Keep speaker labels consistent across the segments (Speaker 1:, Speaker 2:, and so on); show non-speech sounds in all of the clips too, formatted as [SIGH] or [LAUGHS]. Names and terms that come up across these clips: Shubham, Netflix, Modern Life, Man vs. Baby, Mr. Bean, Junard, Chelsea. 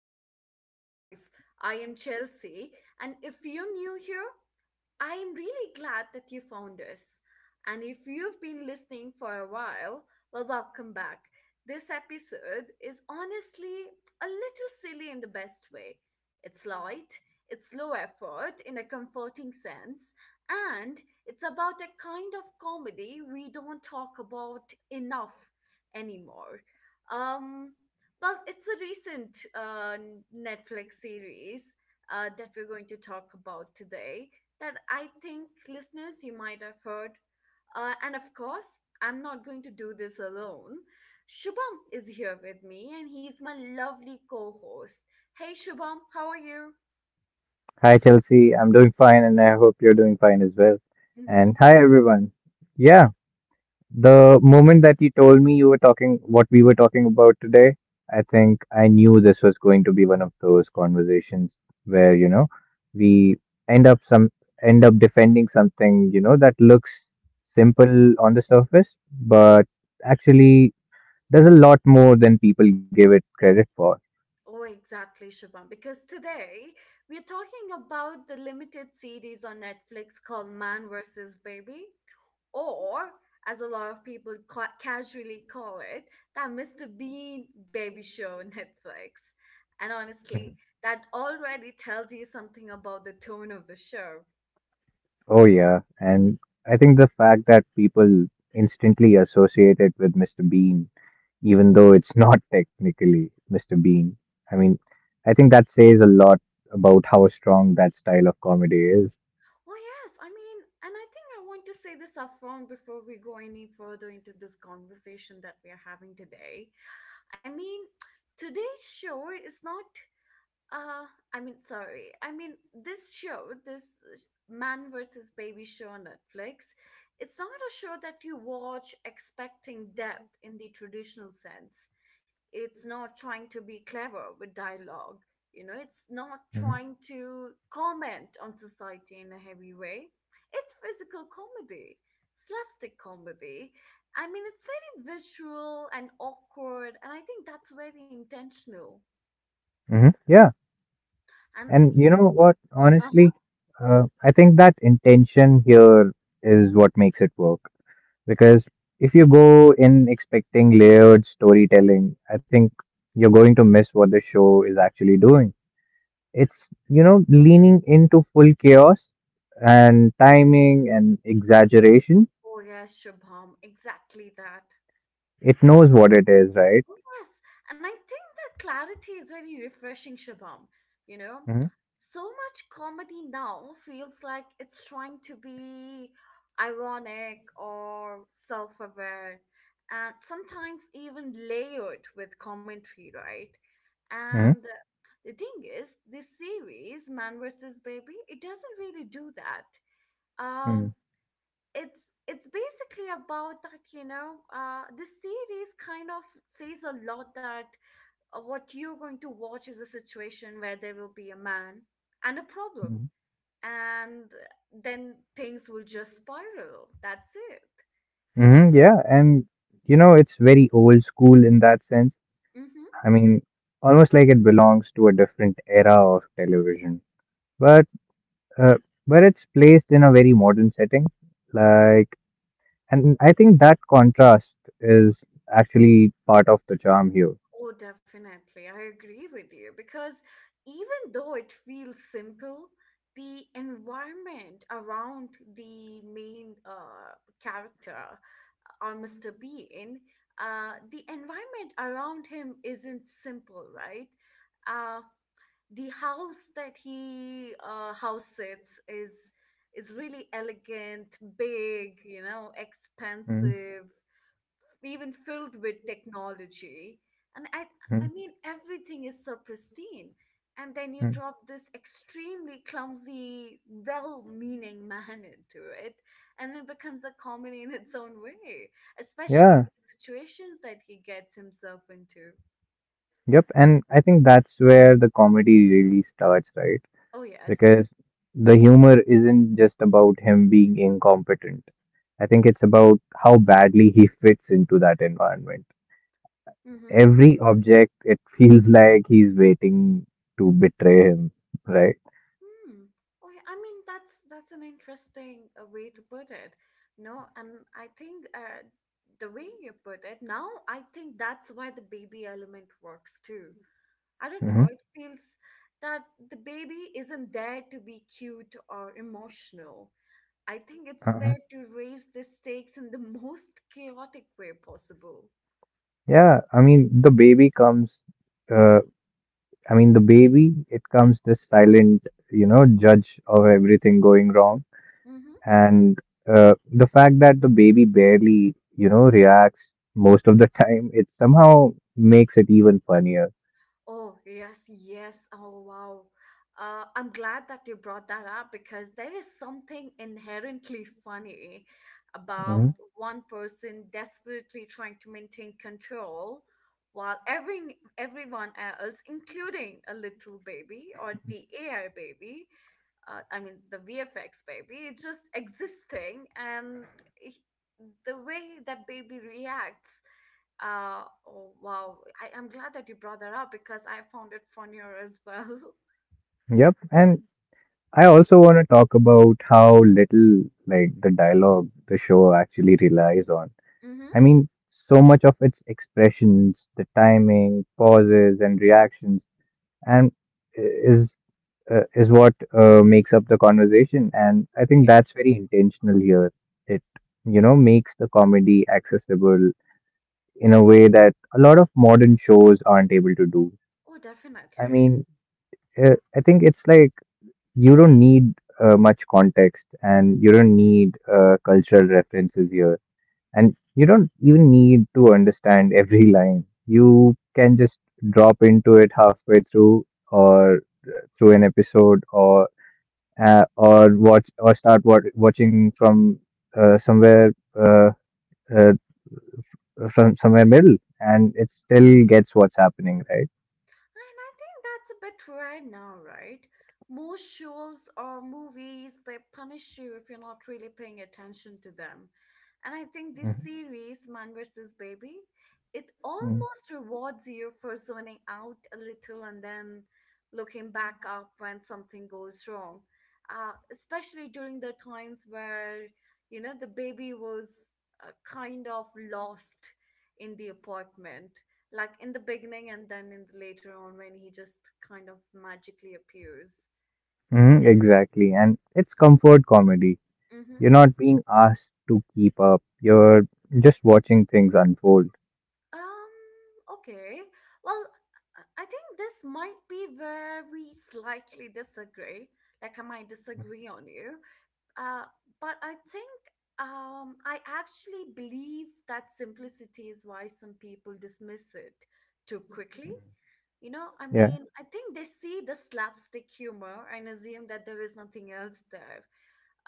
Speaker 1: show, Modern Life. I am Chelsea, and if you're new here, I am really glad that you found us. And if you've been listening for a while, well, welcome back. This episode is honestly a little silly in the best way. It's light, it's low effort in a comforting sense, and it's about a kind of comedy we don't talk about enough anymore. Um, well, it's a recent Netflix series that we're going to talk about today that I think listeners you might have heard. And of course, I'm not going to do this alone. Shubham is here with me and he's my lovely co host. Hey, Shubham, how are you?
Speaker 2: Hi, Chelsea. I'm doing fine, and I hope you're doing fine as well.
Speaker 1: Mm-hmm.
Speaker 2: And hi, everyone. Yeah, the moment that you told me you were talking what we were talking about today, I think I knew this was going to be one of those conversations where, you know, we end up some end up defending something, you know, that looks simple on the surface, but actually there's a lot more than people give it credit for.
Speaker 1: Oh, exactly, Shubham. Because today we're talking about the limited series on Netflix called Man vs. Baby, or as a lot of people casually call it, that Mr. Bean baby show on Netflix. And honestly,
Speaker 2: [LAUGHS]
Speaker 1: that already tells you something about the tone of the show.
Speaker 2: Oh, yeah. And I think the fact that people instantly associate it with Mr. Bean, even though it's not [LAUGHS] technically Mr. Bean, I mean, I think that says a lot about how strong that style of comedy is.
Speaker 1: Oh, yes, I mean, and I think I want to say this upfront before we go any further into this conversation that we are having today. I mean, today's show is not Uh, I mean, sorry. I mean, this show, this man versus baby show on Netflix, it's not a show that you watch expecting depth in the traditional sense. It's not trying to be clever with dialogue. You know, it's not
Speaker 2: hmm
Speaker 1: trying to comment on society in a heavy way. It's physical comedy, slapstick comedy. I mean, it's very visual and awkward, and I think that's very intentional.
Speaker 2: Yeah.
Speaker 1: And
Speaker 2: And
Speaker 1: you
Speaker 2: you know what?
Speaker 1: know,
Speaker 2: Honestly, I think that intention here is what makes it work. Because if you go in expecting layered storytelling, I think you're going to miss what the show is actually doing. It's, you know, leaning into full chaos and timing and exaggeration.
Speaker 1: oh, yes, Shubham, exactly that.
Speaker 2: It knows what it is, right?
Speaker 1: Oh, yes. And I think that clarity is very refreshing, Shubham. You know, so much comedy now feels like it's trying to be ironic or self aware, and sometimes even layered with commentary, right?
Speaker 2: Mm-hmm.
Speaker 1: And the thing is, this series, Man vs. Baby, it doesn't really do that.
Speaker 2: hmm hmm
Speaker 1: Um, it's basically about that this series kind of says a lot that what you're going to watch is a situation where there will be a man and a problem,
Speaker 2: hmm
Speaker 1: and then things will just spiral, that's it.
Speaker 2: Yeah. And, you know, it's very old school in that sense.
Speaker 1: Mm-hmm.
Speaker 2: I mean, almost like it belongs to a different era of television. But, uh, but it's placed in a very modern setting. Like, and I think that contrast is actually part of the charm here.
Speaker 1: Oh definitely, I agree with you because even though it feels simple, the environment around the main character or Mr. Bean, the environment around him isn't simple, right? Uh, the house that he house sits is really elegant, big, you know, expensive, even filled with technology, and i
Speaker 2: Mm-hmm.
Speaker 1: i mean everything is so pristine, and then you drop this extremely clumsy, well-meaning [LAUGHS] man into it, and it becomes a comedy in its own way, especially with
Speaker 2: Yeah.
Speaker 1: the situations that he gets himself into.
Speaker 2: Yep, and I think that's where the comedy really starts, right?
Speaker 1: Oh yes.
Speaker 2: Because the humor isn't just about him being incompetent. I think it's about how badly he [LAUGHS] fits into that environment.
Speaker 1: Mm-hmm.
Speaker 2: Every object, it [LAUGHS] feels like he's waiting to betray him, right?
Speaker 1: Hmm. Okay, I mean that's an interesting way to put it. No, and I think the way you put it now, I think that's why the baby element works too. I don't
Speaker 2: hmm
Speaker 1: know. It feels that the baby isn't there to be cute or emotional. I think it's
Speaker 2: Uh-huh.
Speaker 1: there to raise the stakes in the [LAUGHS] most chaotic way possible.
Speaker 2: Yeah, I mean, uh, I mean, the baby, it comes this silent, you know, judge of everything going wrong
Speaker 1: Mm-hmm.
Speaker 2: and the fact that the baby barely you know reacts most of the time it somehow makes it even funnier.
Speaker 1: Oh, yes, yes. Oh, wow. I'm glad that you brought that up because there is something inherently funny about
Speaker 2: Mhm.
Speaker 1: one person desperately trying to maintain control while everyone else, including a little baby or the AI baby, I mean, the VFX baby, is just existing and he- the way that baby reacts. Oh wow, I'm glad that you brought that up because I found it funnier as well. [LAUGHS]
Speaker 2: Yep, and I also want to talk about how little like the dialogue the show actually relies on.
Speaker 1: Mm-hmm.
Speaker 2: I mean, so much of its expressions the timing pauses and reactions and is is what makes up the conversation, and I think
Speaker 1: Yeah.
Speaker 2: that's very intentional here. It you know makes the comedy accessible in a way that a lot of modern shows aren't able to do.
Speaker 1: Oh,
Speaker 2: i
Speaker 1: definitely.
Speaker 2: mean I think it's like you don't need much context and you don't need cultural references here, and you don't even need to understand [LAUGHS] every line. You can just drop into it halfway through or through an episode or watching from somewhere uh, uh, from somewhere middle and it still gets what's happening, right?
Speaker 1: And I think that's a bit rare now, right? Most shows or movies, they punish you if you're not really paying attention to them. And I think this series, Man vs. Baby, it
Speaker 2: hmm
Speaker 1: almost rewards you for zoning out a little and then looking back up when something goes wrong. Especially during the times where, you know, the baby was kind of lost in the apartment like in the beginning and then in the later on when he just kind of magically appears.
Speaker 2: exactly, and it's comfort comedy.
Speaker 1: Mm-hmm.
Speaker 2: You're not being asked to keep up, you're just watching things unfold.
Speaker 1: Um, okay. Well, I think this might be where we slightly disagree. Like I might disagree on you. Uh, but I think I actually believe that simplicity is why some people dismiss it too quickly. You know, I
Speaker 2: Yeah.
Speaker 1: mean, I think they see the slapstick humor and assume that there is nothing else there.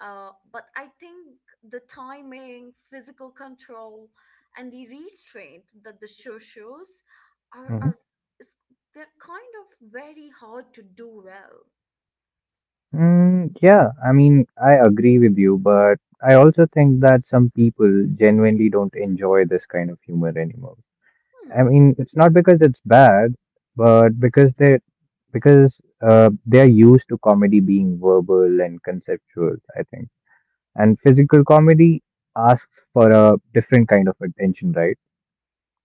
Speaker 1: But I think the timing, physical control, and the restraint that the show shows are,
Speaker 2: hmm
Speaker 1: are is, they're kind of very hard to do well.
Speaker 2: yeah, I mean I agree with you, but I also think that some people genuinely don't enjoy this kind of humor anymore.
Speaker 1: Hmm.
Speaker 2: I mean, it's not because it's bad, but because they are used to comedy being verbal and conceptual, I think. And physical comedy asks for a different kind of attention, right?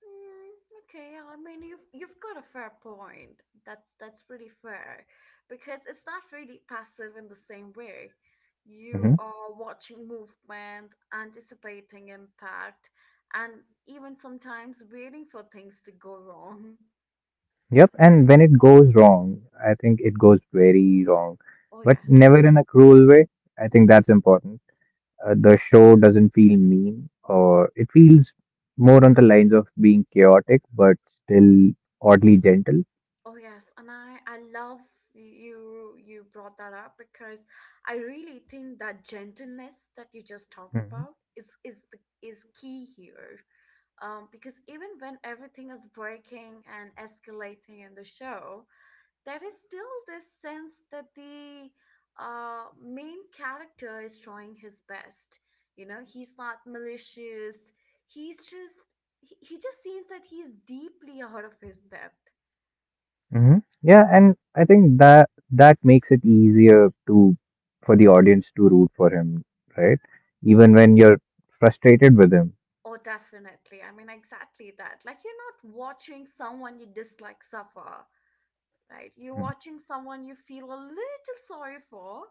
Speaker 1: Mm, okay, yeah, I mean you've got a fair point. That's pretty fair because it's not really passive in the same way. You
Speaker 2: hmm
Speaker 1: are watching movement, anticipating impact, and even sometimes waiting for things to go wrong.
Speaker 2: Yep. And when it goes wrong, I think it goes very wrong,
Speaker 1: Oh
Speaker 2: but
Speaker 1: yes.
Speaker 2: never in a cruel way. I think
Speaker 1: Hmm.
Speaker 2: that's important. The show doesn't feel mean, or it feels more on the lines of being chaotic, but still oddly gentle.
Speaker 1: Oh yes, and I love you brought that up because I really think that gentleness that you just talked about is key here. Because even when everything is breaking and escalating in the show, there is still this sense that the main character is trying his best. You know, he's not malicious. He's just, he just seems that he's deeply out of his depth.
Speaker 2: hmm Yeah, and I think that that makes it easier to for the audience to root for him, right? Even when you're frustrated with him.
Speaker 1: Oh, definitely. I mean, exactly that. Like, you're not watching someone you dislike suffer, right? You're
Speaker 2: mm,
Speaker 1: watching someone you feel a little sorry for,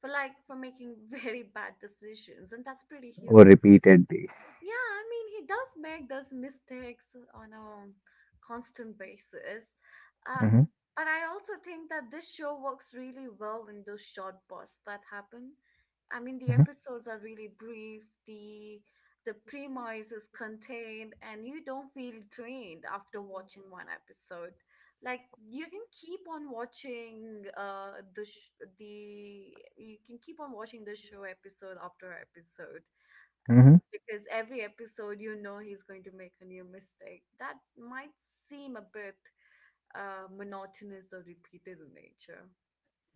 Speaker 1: for making [LAUGHS] very bad decisions, and that's pretty
Speaker 2: or
Speaker 1: human.
Speaker 2: repeatedly.
Speaker 1: Yeah, I mean, he does make those mistakes on a constant basis. Uh,
Speaker 2: Mm-hmm.
Speaker 1: but I also think that this show works really well in those short bursts that happen. I mean, the
Speaker 2: hmm
Speaker 1: episodes are really brief, the premise is contained, and you don't feel drained after watching one episode. Like you can keep on watching the sh- the you can keep on watching the show episode after episode
Speaker 2: hmm
Speaker 1: because every episode you know he's going to make a new mistake. That might seem a bit monotonous or repeated in nature.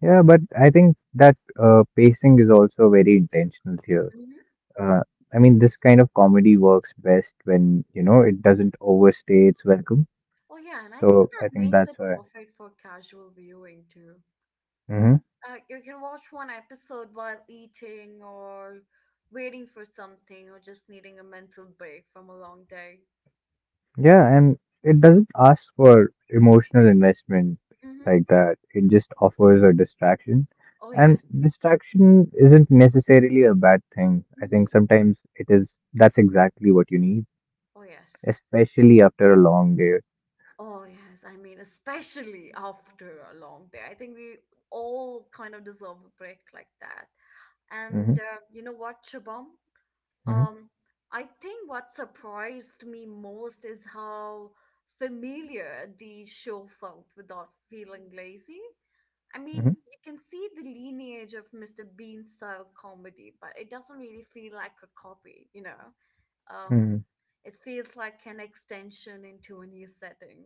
Speaker 2: Yeah, but I think that pacing is also very intentional here.
Speaker 1: Hmm.
Speaker 2: Uh, I mean, this kind of comedy works best when, you know, it doesn't overstay its welcome.
Speaker 1: Oh, yeah, and I
Speaker 2: So
Speaker 1: think that
Speaker 2: I think
Speaker 1: makes it
Speaker 2: that's why.
Speaker 1: perfect for casual viewing too.
Speaker 2: Mm-hmm.
Speaker 1: You can watch one episode while eating or waiting for something or just needing a mental break from a long day.
Speaker 2: Yeah, and it doesn't ask for emotional investment
Speaker 1: Hmm.
Speaker 2: like that. It just offers a distraction.
Speaker 1: Oh,
Speaker 2: And
Speaker 1: yes.
Speaker 2: distraction isn't necessarily a bad thing. I
Speaker 1: Hmm.
Speaker 2: think sometimes it is, that's exactly what you need,
Speaker 1: Oh, yes.
Speaker 2: especially after a long day.
Speaker 1: Oh, yes. I mean, especially after a long day. I think we all kind of deserve a break like that. And
Speaker 2: Mm-hmm,
Speaker 1: you know what, Shabam?
Speaker 2: mm-hmm,
Speaker 1: Um, I think what surprised me most is how familiar the show felt without feeling lazy. I mean,
Speaker 2: mm-hmm.
Speaker 1: you can see the lineage of Mr. Bean style comedy, but it doesn't really feel like a copy, you know? Um,
Speaker 2: Mm-hmm.
Speaker 1: it feels like an extension into a new setting.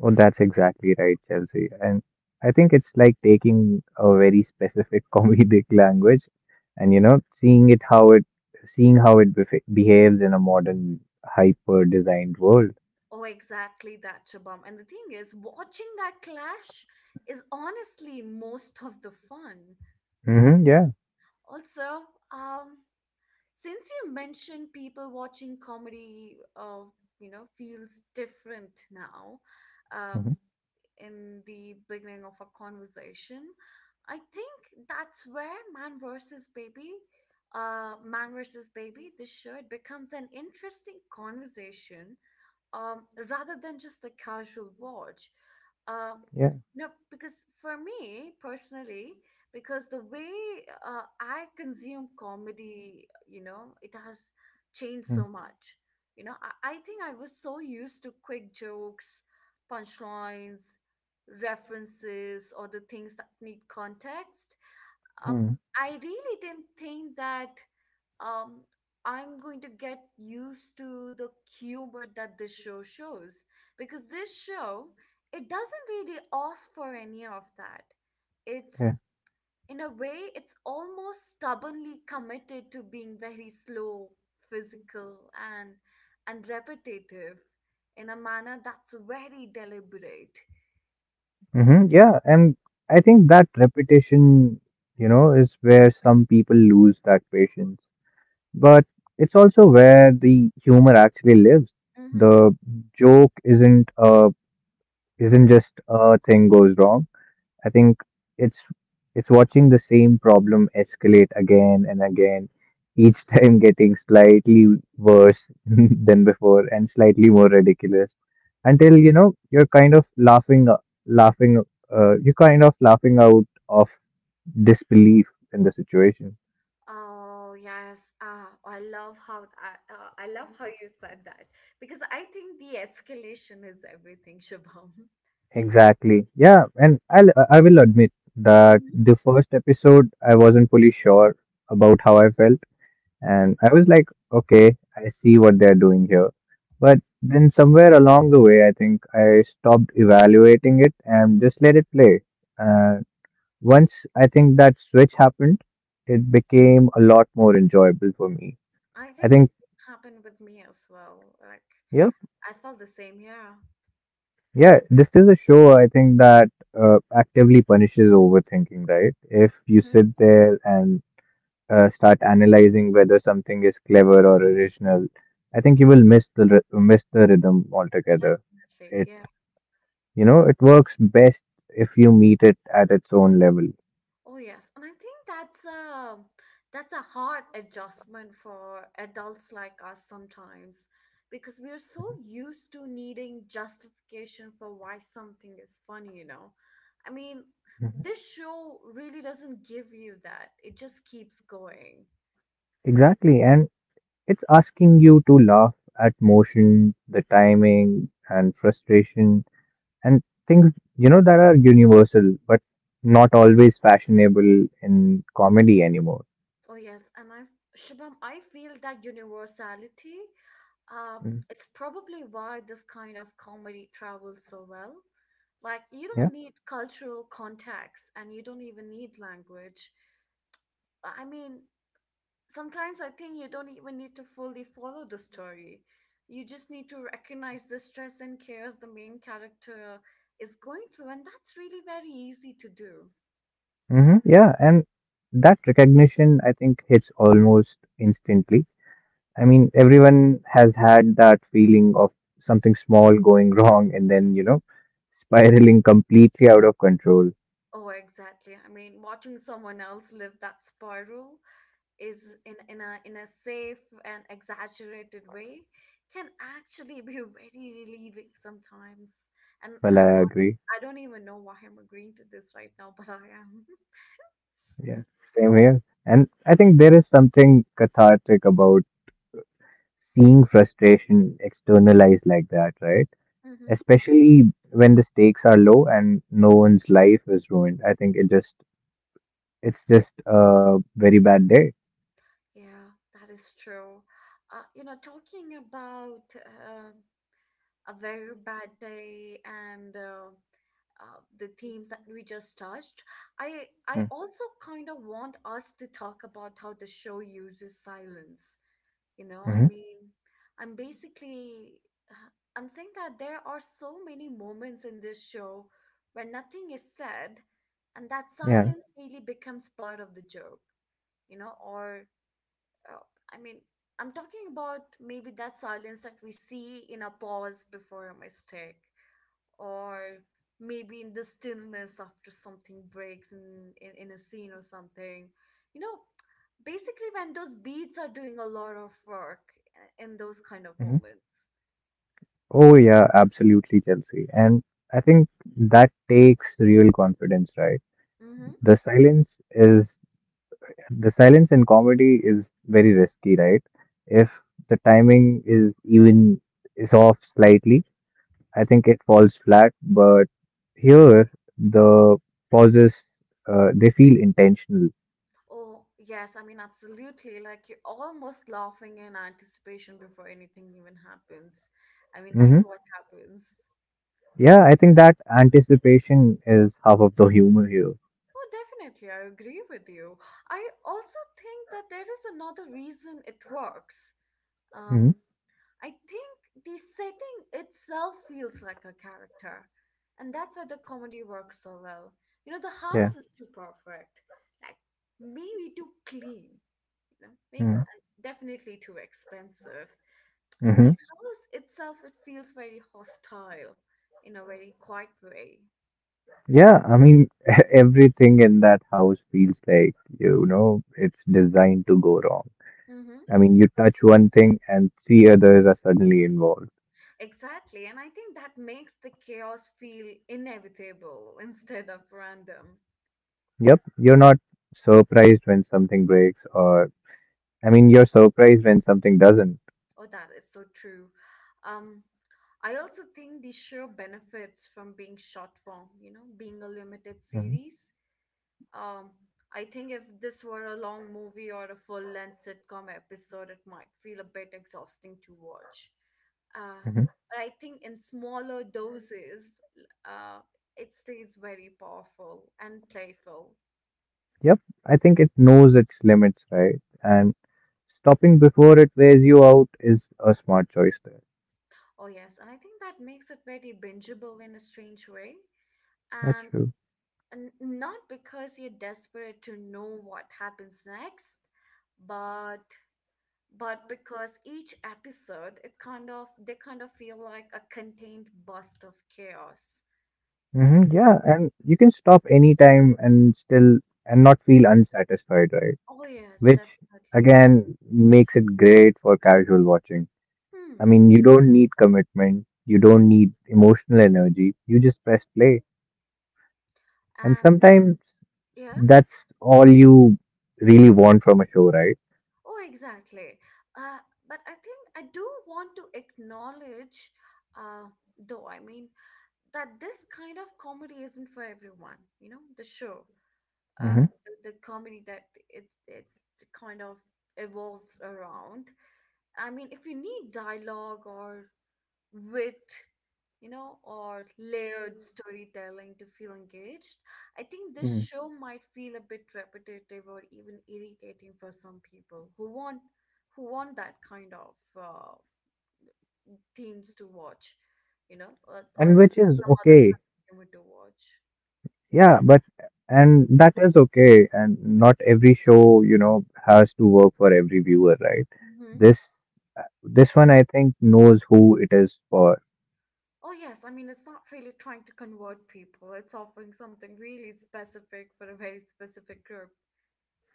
Speaker 2: Oh, that's exactly right, Chelsea. And I think it's like taking a very specific [LAUGHS] comedic language and you know seeing how it befa behaves in a modern hyper designed world.
Speaker 1: Oh, exactly that, Shabam. And the thing is, watching that clash is honestly most of the fun.
Speaker 2: Mm-hmm, yeah.
Speaker 1: Also, um, since you mentioned people watching comedy, you know, feels different now. Um,
Speaker 2: Mm-hmm,
Speaker 1: in the beginning of our conversation, I think that's where Man versus Baby, this show it becomes an interesting conversation um, rather than just a casual watch. Uh,
Speaker 2: yeah.
Speaker 1: no, because for me personally, because the way I consume comedy, you know, it has changed so much. You know, I think I was so used to quick jokes, punchlines, references, or the things that need context. um,
Speaker 2: Mm-hmm,
Speaker 1: I really didn't think that um, I'm going to get used to the humor that this show shows because this show it doesn't really ask for any of that. It's
Speaker 2: yeah.
Speaker 1: in a way it's almost stubbornly committed to being very slow, physical, and repetitive in a manner that's very deliberate.
Speaker 2: Mm-hmm, yeah. And I think that repetition, you know, is where some people lose that patience. But it's also where the humor actually lives.
Speaker 1: Mm-hmm.
Speaker 2: The joke isn't just a thing goes wrong. I think it's it's watching the same problem escalate again and again, [LAUGHS] each time getting slightly worse [LAUGHS] than before and slightly more ridiculous until you know you're kind of laughing laughing you're kind of laughing out of disbelief in the situation.
Speaker 1: Oh yes, ah, I love how you said that because I think the escalation is everything, [LAUGHS] Shubham.
Speaker 2: Exactly. Yeah, and I will admit that
Speaker 1: Mhm.
Speaker 2: the first episode I wasn't fully sure about how I felt. And I was like, okay, I see what they're doing here. But then somewhere along the way, I think I stopped evaluating it and just let it play. Uh, once I think that switch happened, it became a lot more enjoyable for me.
Speaker 1: I
Speaker 2: I
Speaker 1: think
Speaker 2: think,
Speaker 1: this happened with me as well. Like
Speaker 2: yeah,
Speaker 1: I felt the same. Yeah.
Speaker 2: yeah, This is a show I think that actively punishes overthinking, right? If you
Speaker 1: Mhm.
Speaker 2: sit there and start analyzing whether something is clever or original, I think you will miss the rhythm altogether.
Speaker 1: Definitely.
Speaker 2: It
Speaker 1: Yeah.
Speaker 2: you know it works best if you meet it at its own level.
Speaker 1: Oh yes, and I think that's a hard adjustment for adults like us sometimes because we're so used to needing justification for why something is funny, you know. I mean,
Speaker 2: Mhm.
Speaker 1: this show really doesn't give you that. It just keeps going.
Speaker 2: Exactly, and it's asking you to laugh at motion, the timing, and frustration, and things you know that are universal but not always fashionable in comedy anymore.
Speaker 1: Oh yes, and I Shubham, I feel that universality.
Speaker 2: Mhm.
Speaker 1: It's probably why this kind of comedy travels so well. Like you don't need cultural context, and you don't even need language. I mean, sometimes I think you don't even need to fully follow the story. You just need to recognize the stress and cares the main character is going through, and that's really very easy to do.
Speaker 2: Yeah, and that recognition, I think, hits almost instantly. I mean, everyone has had that feeling of something small going [LAUGHS] wrong and then, you know, spiraling completely out of control.
Speaker 1: Oh, exactly. I mean, watching someone else live that spiral is in a safe and exaggerated way can actually [LAUGHS] be very relieving sometimes and
Speaker 2: Well,
Speaker 1: I and
Speaker 2: I agree.
Speaker 1: I don't even know why I'm agreeing to this right now, but I am.
Speaker 2: Yeah, same here. And I think there is something cathartic about seeing frustration externalized like that, right?
Speaker 1: [LAUGHS] Hmm.
Speaker 2: Especially when the stakes are low and no one's life is ruined. I think it just, it's just a very bad day.
Speaker 1: Yeah, that is true. You know, talking about a very bad day, and the themes that we just touched, I
Speaker 2: Hmm.
Speaker 1: also kind of want us to talk about how the show uses silence. You know, I
Speaker 2: hmm
Speaker 1: mean, I'm basically, uh, I'm saying that there are so many moments in this show where nothing is said, and that
Speaker 2: Yeah.
Speaker 1: silence really becomes part of the joke, you know, or uh, I mean, I'm talking about maybe that silence that we see in a pause before a mistake, or maybe in the stillness after something breaks in a scene or something. You know, basically when those beats are doing a lot of work in those kind of
Speaker 2: hmm
Speaker 1: moments.
Speaker 2: Oh, yeah, absolutely, Chelsea. And I think that takes real confidence, right?
Speaker 1: Mm-hmm.
Speaker 2: The silence is the silence in comedy is very risky, right? If the timing is off slightly, I think it falls flat. But here, the pauses they feel intentional.
Speaker 1: Oh, yes, I mean, absolutely. Like you're almost laughing in anticipation before anything even happens. I mean, that's
Speaker 2: hmm
Speaker 1: what happens.
Speaker 2: Yeah, I think that anticipation is half of the humor here.
Speaker 1: Oh, definitely. I agree with you. I also think that there is another reason it works.
Speaker 2: hmm
Speaker 1: Um, I think the setting itself feels like a character, and that's why the comedy works so well. You know, the
Speaker 2: Yeah.
Speaker 1: house is too perfect, like maybe too clean, you know, maybe,
Speaker 2: hmm
Speaker 1: definitely too expensive. The house itself, it feels very hostile in a very quiet way.
Speaker 2: Yeah, I mean, [LAUGHS] everything in that house feels like, you know, it's designed to go wrong.
Speaker 1: Mm-hmm.
Speaker 2: I mean, you touch one thing and three others are suddenly involved.
Speaker 1: Exactly, and I think that makes the chaos feel inevitable instead of random.
Speaker 2: Yep, you're not surprised when something breaks, or, I mean, you're surprised when something doesn't.
Speaker 1: Oh, that is so true. Um, I also think the show benefits from being short form, you know, being a limited
Speaker 2: hmm
Speaker 1: series. Um, I think if this were a long movie or a full length sitcom episode, it might feel a bit exhausting to watch. Uh,
Speaker 2: hmm
Speaker 1: but I think in smaller doses, uh, it stays very powerful and playful.
Speaker 2: Yep, I think it knows its limits, right? And stopping before it wears you out is a smart choice there.
Speaker 1: Oh, yes. And I think that makes it very bingeable in a strange way.
Speaker 2: That's
Speaker 1: And
Speaker 2: true.
Speaker 1: Not because you're desperate to know what happens next, but but because each episode it kind of they kind of feel like a contained burst of chaos.
Speaker 2: Yeah, and you can stop anytime and still and not feel unsatisfied, right?
Speaker 1: Oh yes,
Speaker 2: Which
Speaker 1: definitely.
Speaker 2: again makes it great for casual watching. I
Speaker 1: Hmm.
Speaker 2: mean, you don't need commitment, you don't need emotional energy, you just press play. And
Speaker 1: And
Speaker 2: sometimes
Speaker 1: yeah.
Speaker 2: that's all you really want from a show, right?
Speaker 1: Oh, exactly. Uh, but I think I do want to acknowledge, uh, though I mean that this kind of comedy isn't for everyone. You know, the show. The comedy that it kind of evolves around. I mean, if you need dialogue or wit, you know, or layered storytelling to feel engaged, I think this
Speaker 2: hmm
Speaker 1: show might feel a bit repetitive or even irritating for some people who want that kind of themes to watch, you know,
Speaker 2: And
Speaker 1: or
Speaker 2: which is
Speaker 1: some other
Speaker 2: okay.
Speaker 1: kind of humor to watch.
Speaker 2: Yeah, but and that is okay. And not every show, you know, has to work for every viewer, right?
Speaker 1: Mm-hmm.
Speaker 2: This this one I think knows who it is for.
Speaker 1: Oh, yes. I mean, it's not really trying to convert people, it's offering something really specific for a very specific group.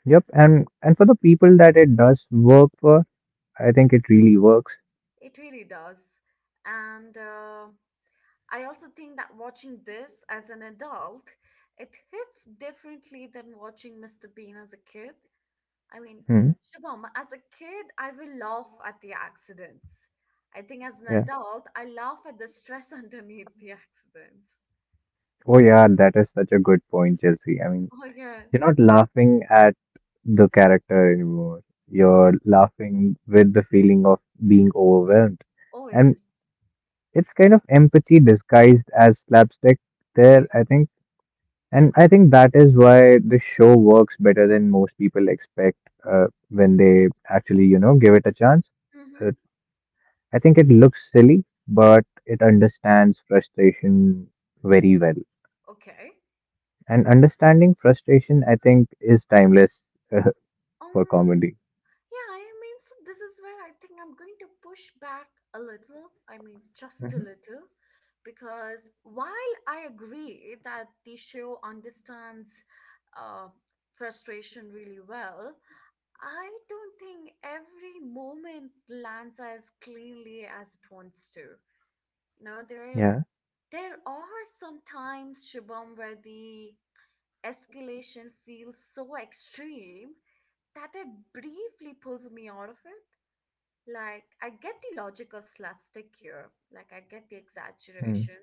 Speaker 2: Yep, and for the people that it does work for, I think it really works.
Speaker 1: It really does. And I also think that watching this as an adult, it hits differently than watching Mr. Bean as a kid. I mean,
Speaker 2: Hmm.
Speaker 1: Shubham, as a kid, I will laugh at the accidents. I think as an
Speaker 2: Yeah.
Speaker 1: adult, I laugh at the stress [LAUGHS] underneath the accidents.
Speaker 2: Oh yeah, that is such a good point, Chelsea. I mean,
Speaker 1: Oh, yes.
Speaker 2: you're not laughing at the character anymore.
Speaker 1: Hmm.
Speaker 2: You're laughing with the feeling of being overwhelmed.
Speaker 1: Oh,
Speaker 2: And
Speaker 1: yes.
Speaker 2: it's kind of empathy disguised as slapstick
Speaker 1: Oh,
Speaker 2: there,
Speaker 1: yeah.
Speaker 2: I think. And I think that is why the show works better than most people expect when they actually you know give it a chance.
Speaker 1: Hmm.
Speaker 2: uh, I think it looks silly but it understands frustration very well.
Speaker 1: Okay.
Speaker 2: And understanding frustration I think is timeless [LAUGHS] uh, for
Speaker 1: Um,
Speaker 2: comedy.
Speaker 1: yeah, I mean, so this is where I think I'm going to push back a little. I mean, just a
Speaker 2: Mhm.
Speaker 1: little, because while I agree that the show understands uh, frustration really well, I don't think every moment lands as cleanly as it wants to. You know, there
Speaker 2: Yeah.
Speaker 1: there are some times, Shubham, where the escalation feels so extreme that it briefly pulls me out of it. Like, I get the logic of slapstick here, like, I get the
Speaker 2: Hmm.
Speaker 1: exaggeration,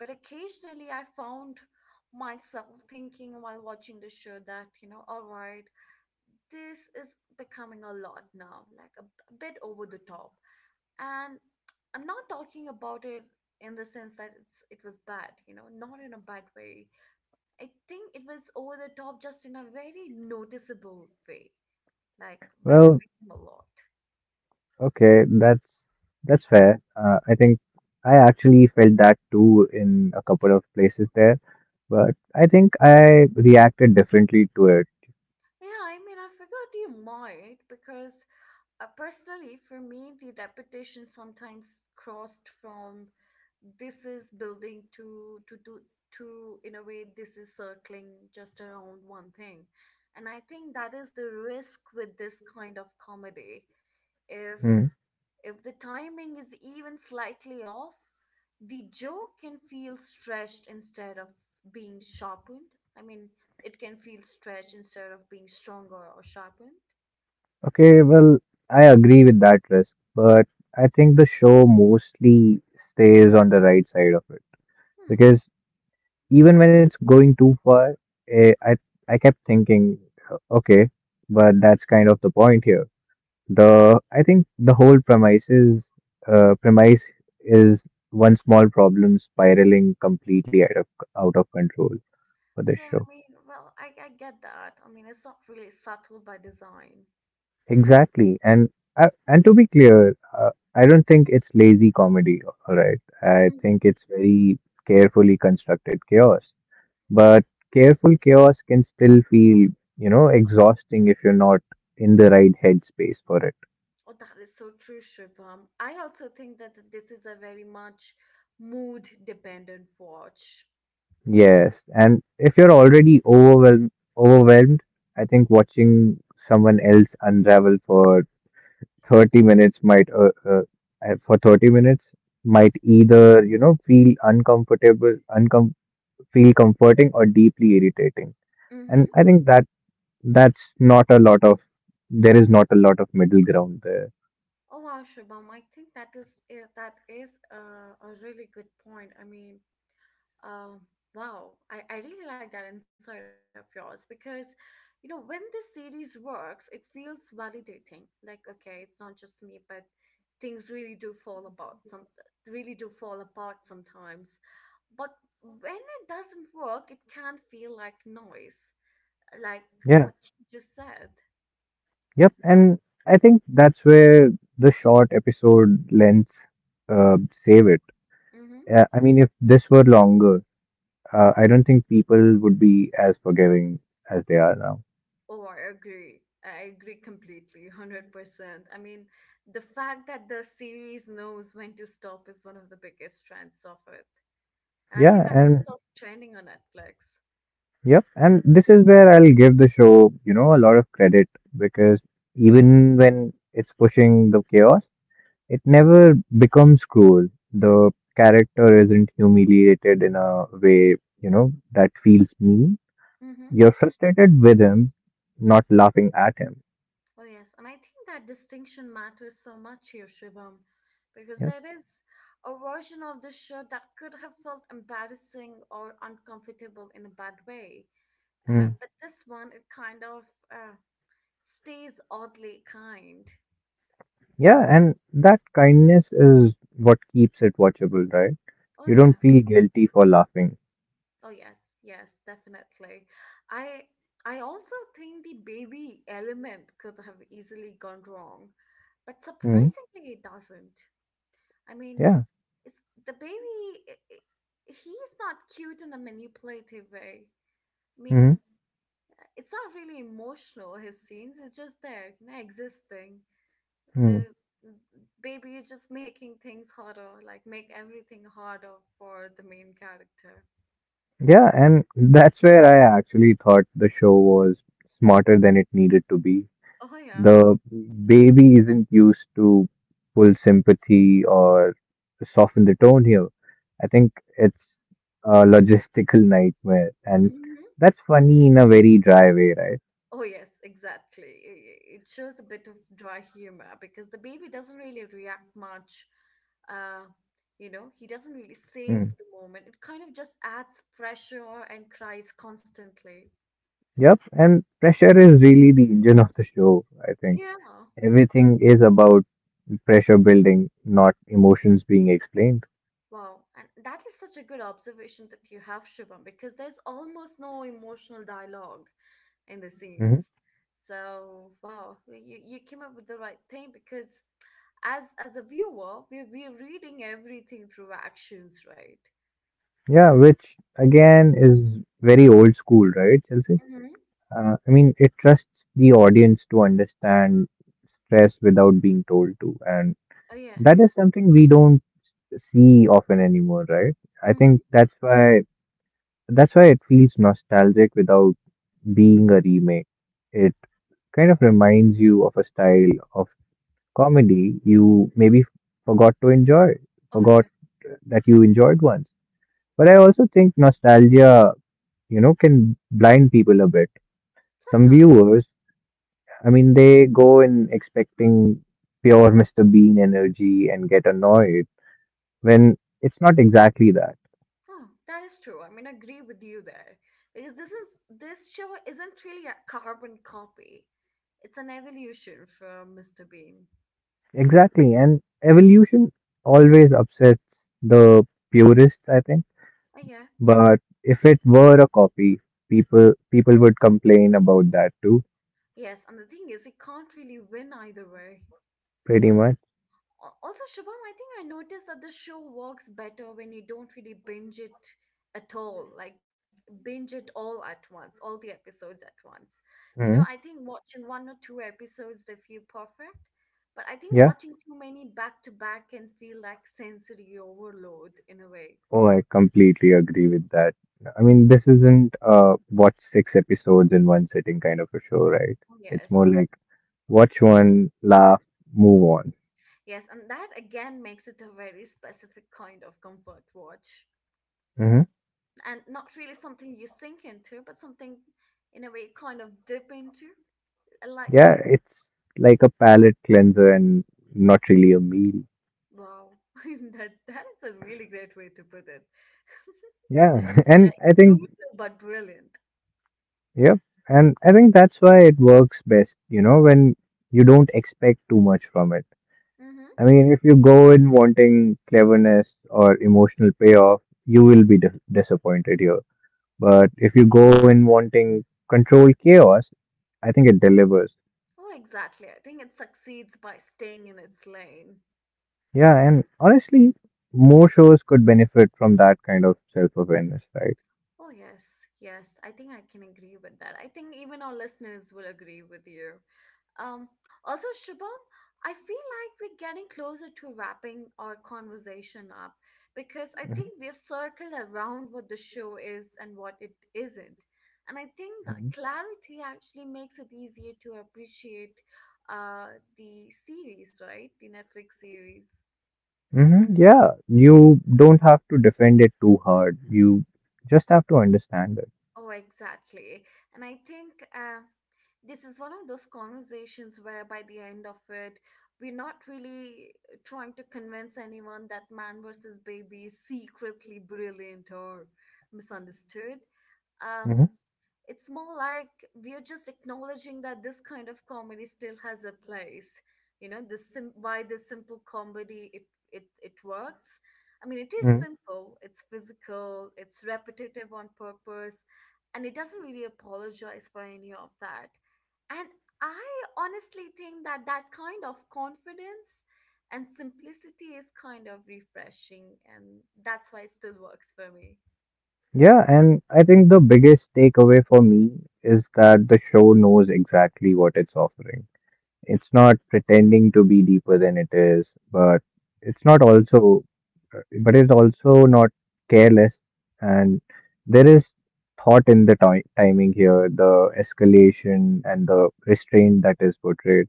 Speaker 1: but occasionally I found myself thinking while watching the show that, you know, all right, this is becoming a lot now, like a bit over the top. And I'm not talking about it in the sense that it's, it was bad, you know, not in a bad way. I think it was over the top just in a very noticeable way, like when it
Speaker 2: Well,
Speaker 1: became a lot.
Speaker 2: Okay, that's fair. I think I actually felt that too in a couple of places there, but I think I reacted differently to it.
Speaker 1: Yeah, I mean, I forgot you might because personally, for me, the reputation sometimes crossed from this is building to in a way this is circling just around one thing, and I think that is the risk with this kind of comedy. If
Speaker 2: Hmm.
Speaker 1: If the timing is even slightly off, the joke can feel stretched instead of being sharpened. I mean, it can feel stretched instead of being stronger or sharpened.
Speaker 2: Okay, well, I agree with that risk, but I think the show mostly stays on the right side of it
Speaker 1: Hmm.
Speaker 2: because even when it's going too far, eh, I I kept thinking, okay, but that's kind of the point here. The I think the whole premise is one small problem spiraling completely out of control for this
Speaker 1: Yeah,
Speaker 2: show.
Speaker 1: I mean, well, I get that. I mean, it's not really subtle by design.
Speaker 2: Exactly, and to be clear, I don't think it's lazy comedy. All right, I
Speaker 1: Hmm.
Speaker 2: think it's very carefully constructed chaos. But careful chaos can still feel you know exhausting if you're not in the right headspace for it.
Speaker 1: Oh, that is so true, Shubham. I also think that this is a very much mood dependent watch.
Speaker 2: Yes, and if you're already overwhelmed, overwhelmed, I think watching someone else unravel for 30 minutes might, for 30 minutes might either, feel uncomfortable, uncom feel comforting or deeply irritating. And
Speaker 1: Mm-hmm.
Speaker 2: I think that that's not a lot of, there is not a lot of middle ground there.
Speaker 1: Oh wow, Shubham, I think that is a really good point. I mean, um, wow, I really like that insight of yours because, you know, when this series works, it feels validating. Like, okay, it's not just me, but things really do fall apart. Some really do fall apart sometimes, but when it doesn't work, it can feel like noise, like
Speaker 2: Yeah.
Speaker 1: what you just said.
Speaker 2: Yep. And I think that's where the short episode lengths uh, save it.
Speaker 1: Mm-hmm.
Speaker 2: I mean, if this were longer, I don't think people would be as forgiving as they are now.
Speaker 1: Oh, I agree. I agree completely, 100%. I mean, the fact that the series knows when to stop is one of the biggest strengths of it. And I think
Speaker 2: Yeah,
Speaker 1: that's
Speaker 2: and
Speaker 1: what's also trending on Netflix.
Speaker 2: yep, and this is where I'll give the show, you know, a lot of credit because even when it's pushing the chaos, it never becomes cruel. The character isn't humiliated in a way, you know, that feels mean.
Speaker 1: Mm-hmm.
Speaker 2: You're frustrated with him, not laughing at him.
Speaker 1: Oh, yes. And I think that distinction matters so much here, Shibam, because
Speaker 2: Yep.
Speaker 1: there is a version of the show that could have felt embarrassing or uncomfortable in a bad way.
Speaker 2: Hmm.
Speaker 1: But this one, it kind of uh, stays oddly kind.
Speaker 2: Yeah, and that kindness is what keeps it watchable, right?
Speaker 1: Oh,
Speaker 2: You
Speaker 1: yeah.
Speaker 2: don't feel guilty for laughing.
Speaker 1: Oh yes, yes, definitely. I I also think the baby element could have easily gone wrong, but
Speaker 2: Hmm
Speaker 1: surprisingly it doesn't. I mean,
Speaker 2: Yeah.
Speaker 1: it's the baby he's not cute in a manipulative way. I
Speaker 2: hmm
Speaker 1: mean, it's not really emotional his scenes, it's just there, you know, existing.
Speaker 2: hmm.
Speaker 1: The baby is just [LAUGHS] making things harder, like make everything harder for the main character.
Speaker 2: Yeah, and [LAUGHS] that's where I actually thought the show was smarter than it needed to be.
Speaker 1: Oh yeah.
Speaker 2: The baby isn't used to full sympathy or soften the tone here. I think it's a [LAUGHS] logistical nightmare, and that's funny in a very dry way, right?
Speaker 1: Oh, yes, exactly. It shows a bit of dry humor because the baby doesn't really react much. Uh, you know, he doesn't really save
Speaker 2: Hmm.
Speaker 1: the moment. It kind of just adds pressure and cries constantly.
Speaker 2: Yep, and pressure is really the engine of the show, I think.
Speaker 1: Yeah.
Speaker 2: Everything is about pressure building, not emotions being explained.
Speaker 1: Wow. And that is such a good observation that you have, Shubham, because there's almost no emotional dialogue in the
Speaker 2: Hmm.
Speaker 1: scenes. So, wow, you came up with the right thing because as a viewer, we're reading everything through actions, right?
Speaker 2: Yeah, which again is very old school, right, Chelsea?
Speaker 1: Mm-hmm.
Speaker 2: I mean, it trusts the audience to understand stress without being told to, and
Speaker 1: Oh,
Speaker 2: that is
Speaker 1: yes.
Speaker 2: something we don't see often anymore, right? I think
Speaker 1: Mm-hmm.
Speaker 2: that's why it feels nostalgic without being a remake. It kind of reminds you of a style of comedy you maybe forgot to enjoy,
Speaker 1: Oh,
Speaker 2: forgot
Speaker 1: yeah.
Speaker 2: that you enjoyed once. But I also think nostalgia, you know, can blind people a bit. Some
Speaker 1: Sometime.
Speaker 2: viewers, I mean, they go in expecting pure Mr. Bean energy and get annoyed when it's not exactly that.
Speaker 1: Oh, that is true. I mean, I agree with you there because this show isn't really a carbon copy. It's an evolution from Mr. Bean.
Speaker 2: Exactly. And evolution always upsets the purists, I think.
Speaker 1: Oh, yeah.
Speaker 2: But if it were a copy, people would complain about that too,
Speaker 1: Yes, and the thing is, he can't really win either way.
Speaker 2: pretty much.
Speaker 1: Also, Shubham, I think I noticed that the show works better when you don't really binge it at all, like binge it all at once, all the episodes at once. You know, I
Speaker 2: Hmm.
Speaker 1: think watching one or two episodes, they feel perfect. But I think
Speaker 2: Yeah.
Speaker 1: watching too many back to back can feel like sensory overload in a way.
Speaker 2: Oh, I completely agree with that. I mean, this isn't watch six episodes in one sitting kind of a show, right? It's more
Speaker 1: Yes.
Speaker 2: like watch one, laugh, move on.
Speaker 1: Yes, and that again makes it a very specific kind of comfort watch.
Speaker 2: Hmm.
Speaker 1: And not really something you sink into, but something in a way kind of dip into.
Speaker 2: Yeah,
Speaker 1: Likely.
Speaker 2: it's like a palate cleanser and not really a meal.
Speaker 1: Wow. [LAUGHS] That is a really great way to put it. [LAUGHS]
Speaker 2: Yeah, [LAUGHS] and
Speaker 1: Like
Speaker 2: I think,
Speaker 1: brutal but brilliant.
Speaker 2: yep, and I think that's why it works best, you know, when you don't expect too much from it.
Speaker 1: Mm-hmm.
Speaker 2: I mean, if you go in wanting cleverness or emotional payoff, you will be disappointed here. But if you go in wanting controlled chaos, I think it delivers.
Speaker 1: Oh, exactly. I think it succeeds by staying in its lane.
Speaker 2: Yeah, and honestly, more shows could benefit from that kind of self-awareness, right?
Speaker 1: Oh, yes, yes. I think I can agree with that. I think even our listeners will agree with you. Um, also, Shubham, I feel like we're getting closer to wrapping our conversation up because I think we've circled around what the show is and what it isn't. And I think that
Speaker 2: Hmm.
Speaker 1: clarity actually makes it easier to appreciate the series, right? The Netflix series.
Speaker 2: Hmm. Yeah, you don't have to defend it too hard. You just have to understand it.
Speaker 1: Oh, exactly. And I think this is one of those conversations where by the end of it, we're not really trying to convince anyone that man versus baby is secretly brilliant or misunderstood. Um,
Speaker 2: Hmm.
Speaker 1: it's more like we're just acknowledging that this kind of comedy still has a place, you know, why the simple comedy it works. I mean, it is simple, it's physical, it's repetitive on purpose, and it doesn't really apologize for any of that. And I honestly think that that kind of confidence and simplicity is kind of refreshing, and that's why it still works for me.
Speaker 2: Yeah, and I think the biggest takeaway for me is that the show knows exactly what it's offering. It's not pretending to be deeper than it is, but it's not also, but it's also not careless. And there is thought in the ti timing here, the escalation and the restraint that is portrayed.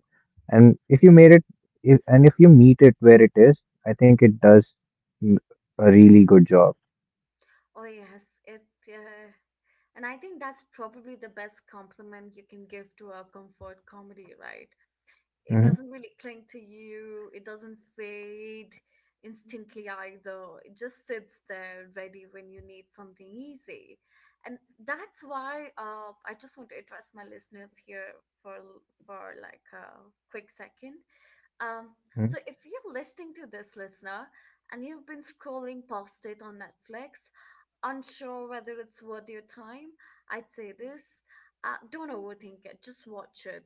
Speaker 2: And if you made it, if, and if you meet it where it is, I think it does mm, a really good job.
Speaker 1: Oh yes, it. And I think that's probably the best compliment you can give to a comfort comedy, right? It
Speaker 2: Hmm.
Speaker 1: doesn't really cling to you, it doesn't fade instantly either. It just sits there ready when you need something easy. And that's why I just want to address my listeners here for for like a quick second. Um, so if you're listening to this, listener, and you've been scrolling past it on Netflix, unsure whether it's worth your time, I'd say this. Don't overthink it, just watch it.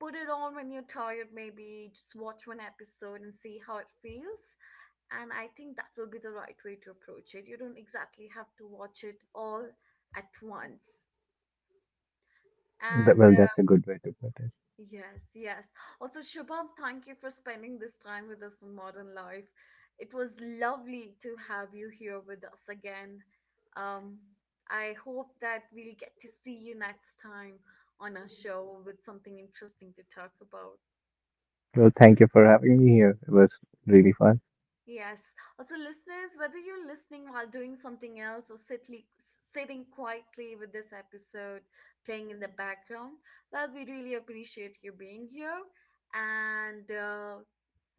Speaker 1: Put it on when you're tired, maybe just watch one episode and see how it feels. And I think that will be the right way to approach it. You don't exactly have to watch it all at once.
Speaker 2: That,
Speaker 1: And
Speaker 2: well, that's a good way to put it.
Speaker 1: yes, yes. Also, Shubham, thank you for spending this time with us on Modern Life. It was lovely to have you here with us again. Um, I hope that we'll get to see you next time on our show with something interesting to talk about.
Speaker 2: Well, thank you for having me here. It was really fun.
Speaker 1: Yes. Also, listeners, whether you're listening while doing something else or sitting quietly with this episode playing in the background, well, we really appreciate you being here. And uh,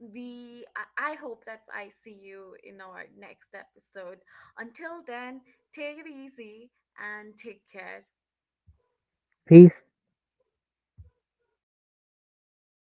Speaker 1: we, I hope that I see you in our next episode. Until then, take it easy and take care.
Speaker 2: Peace.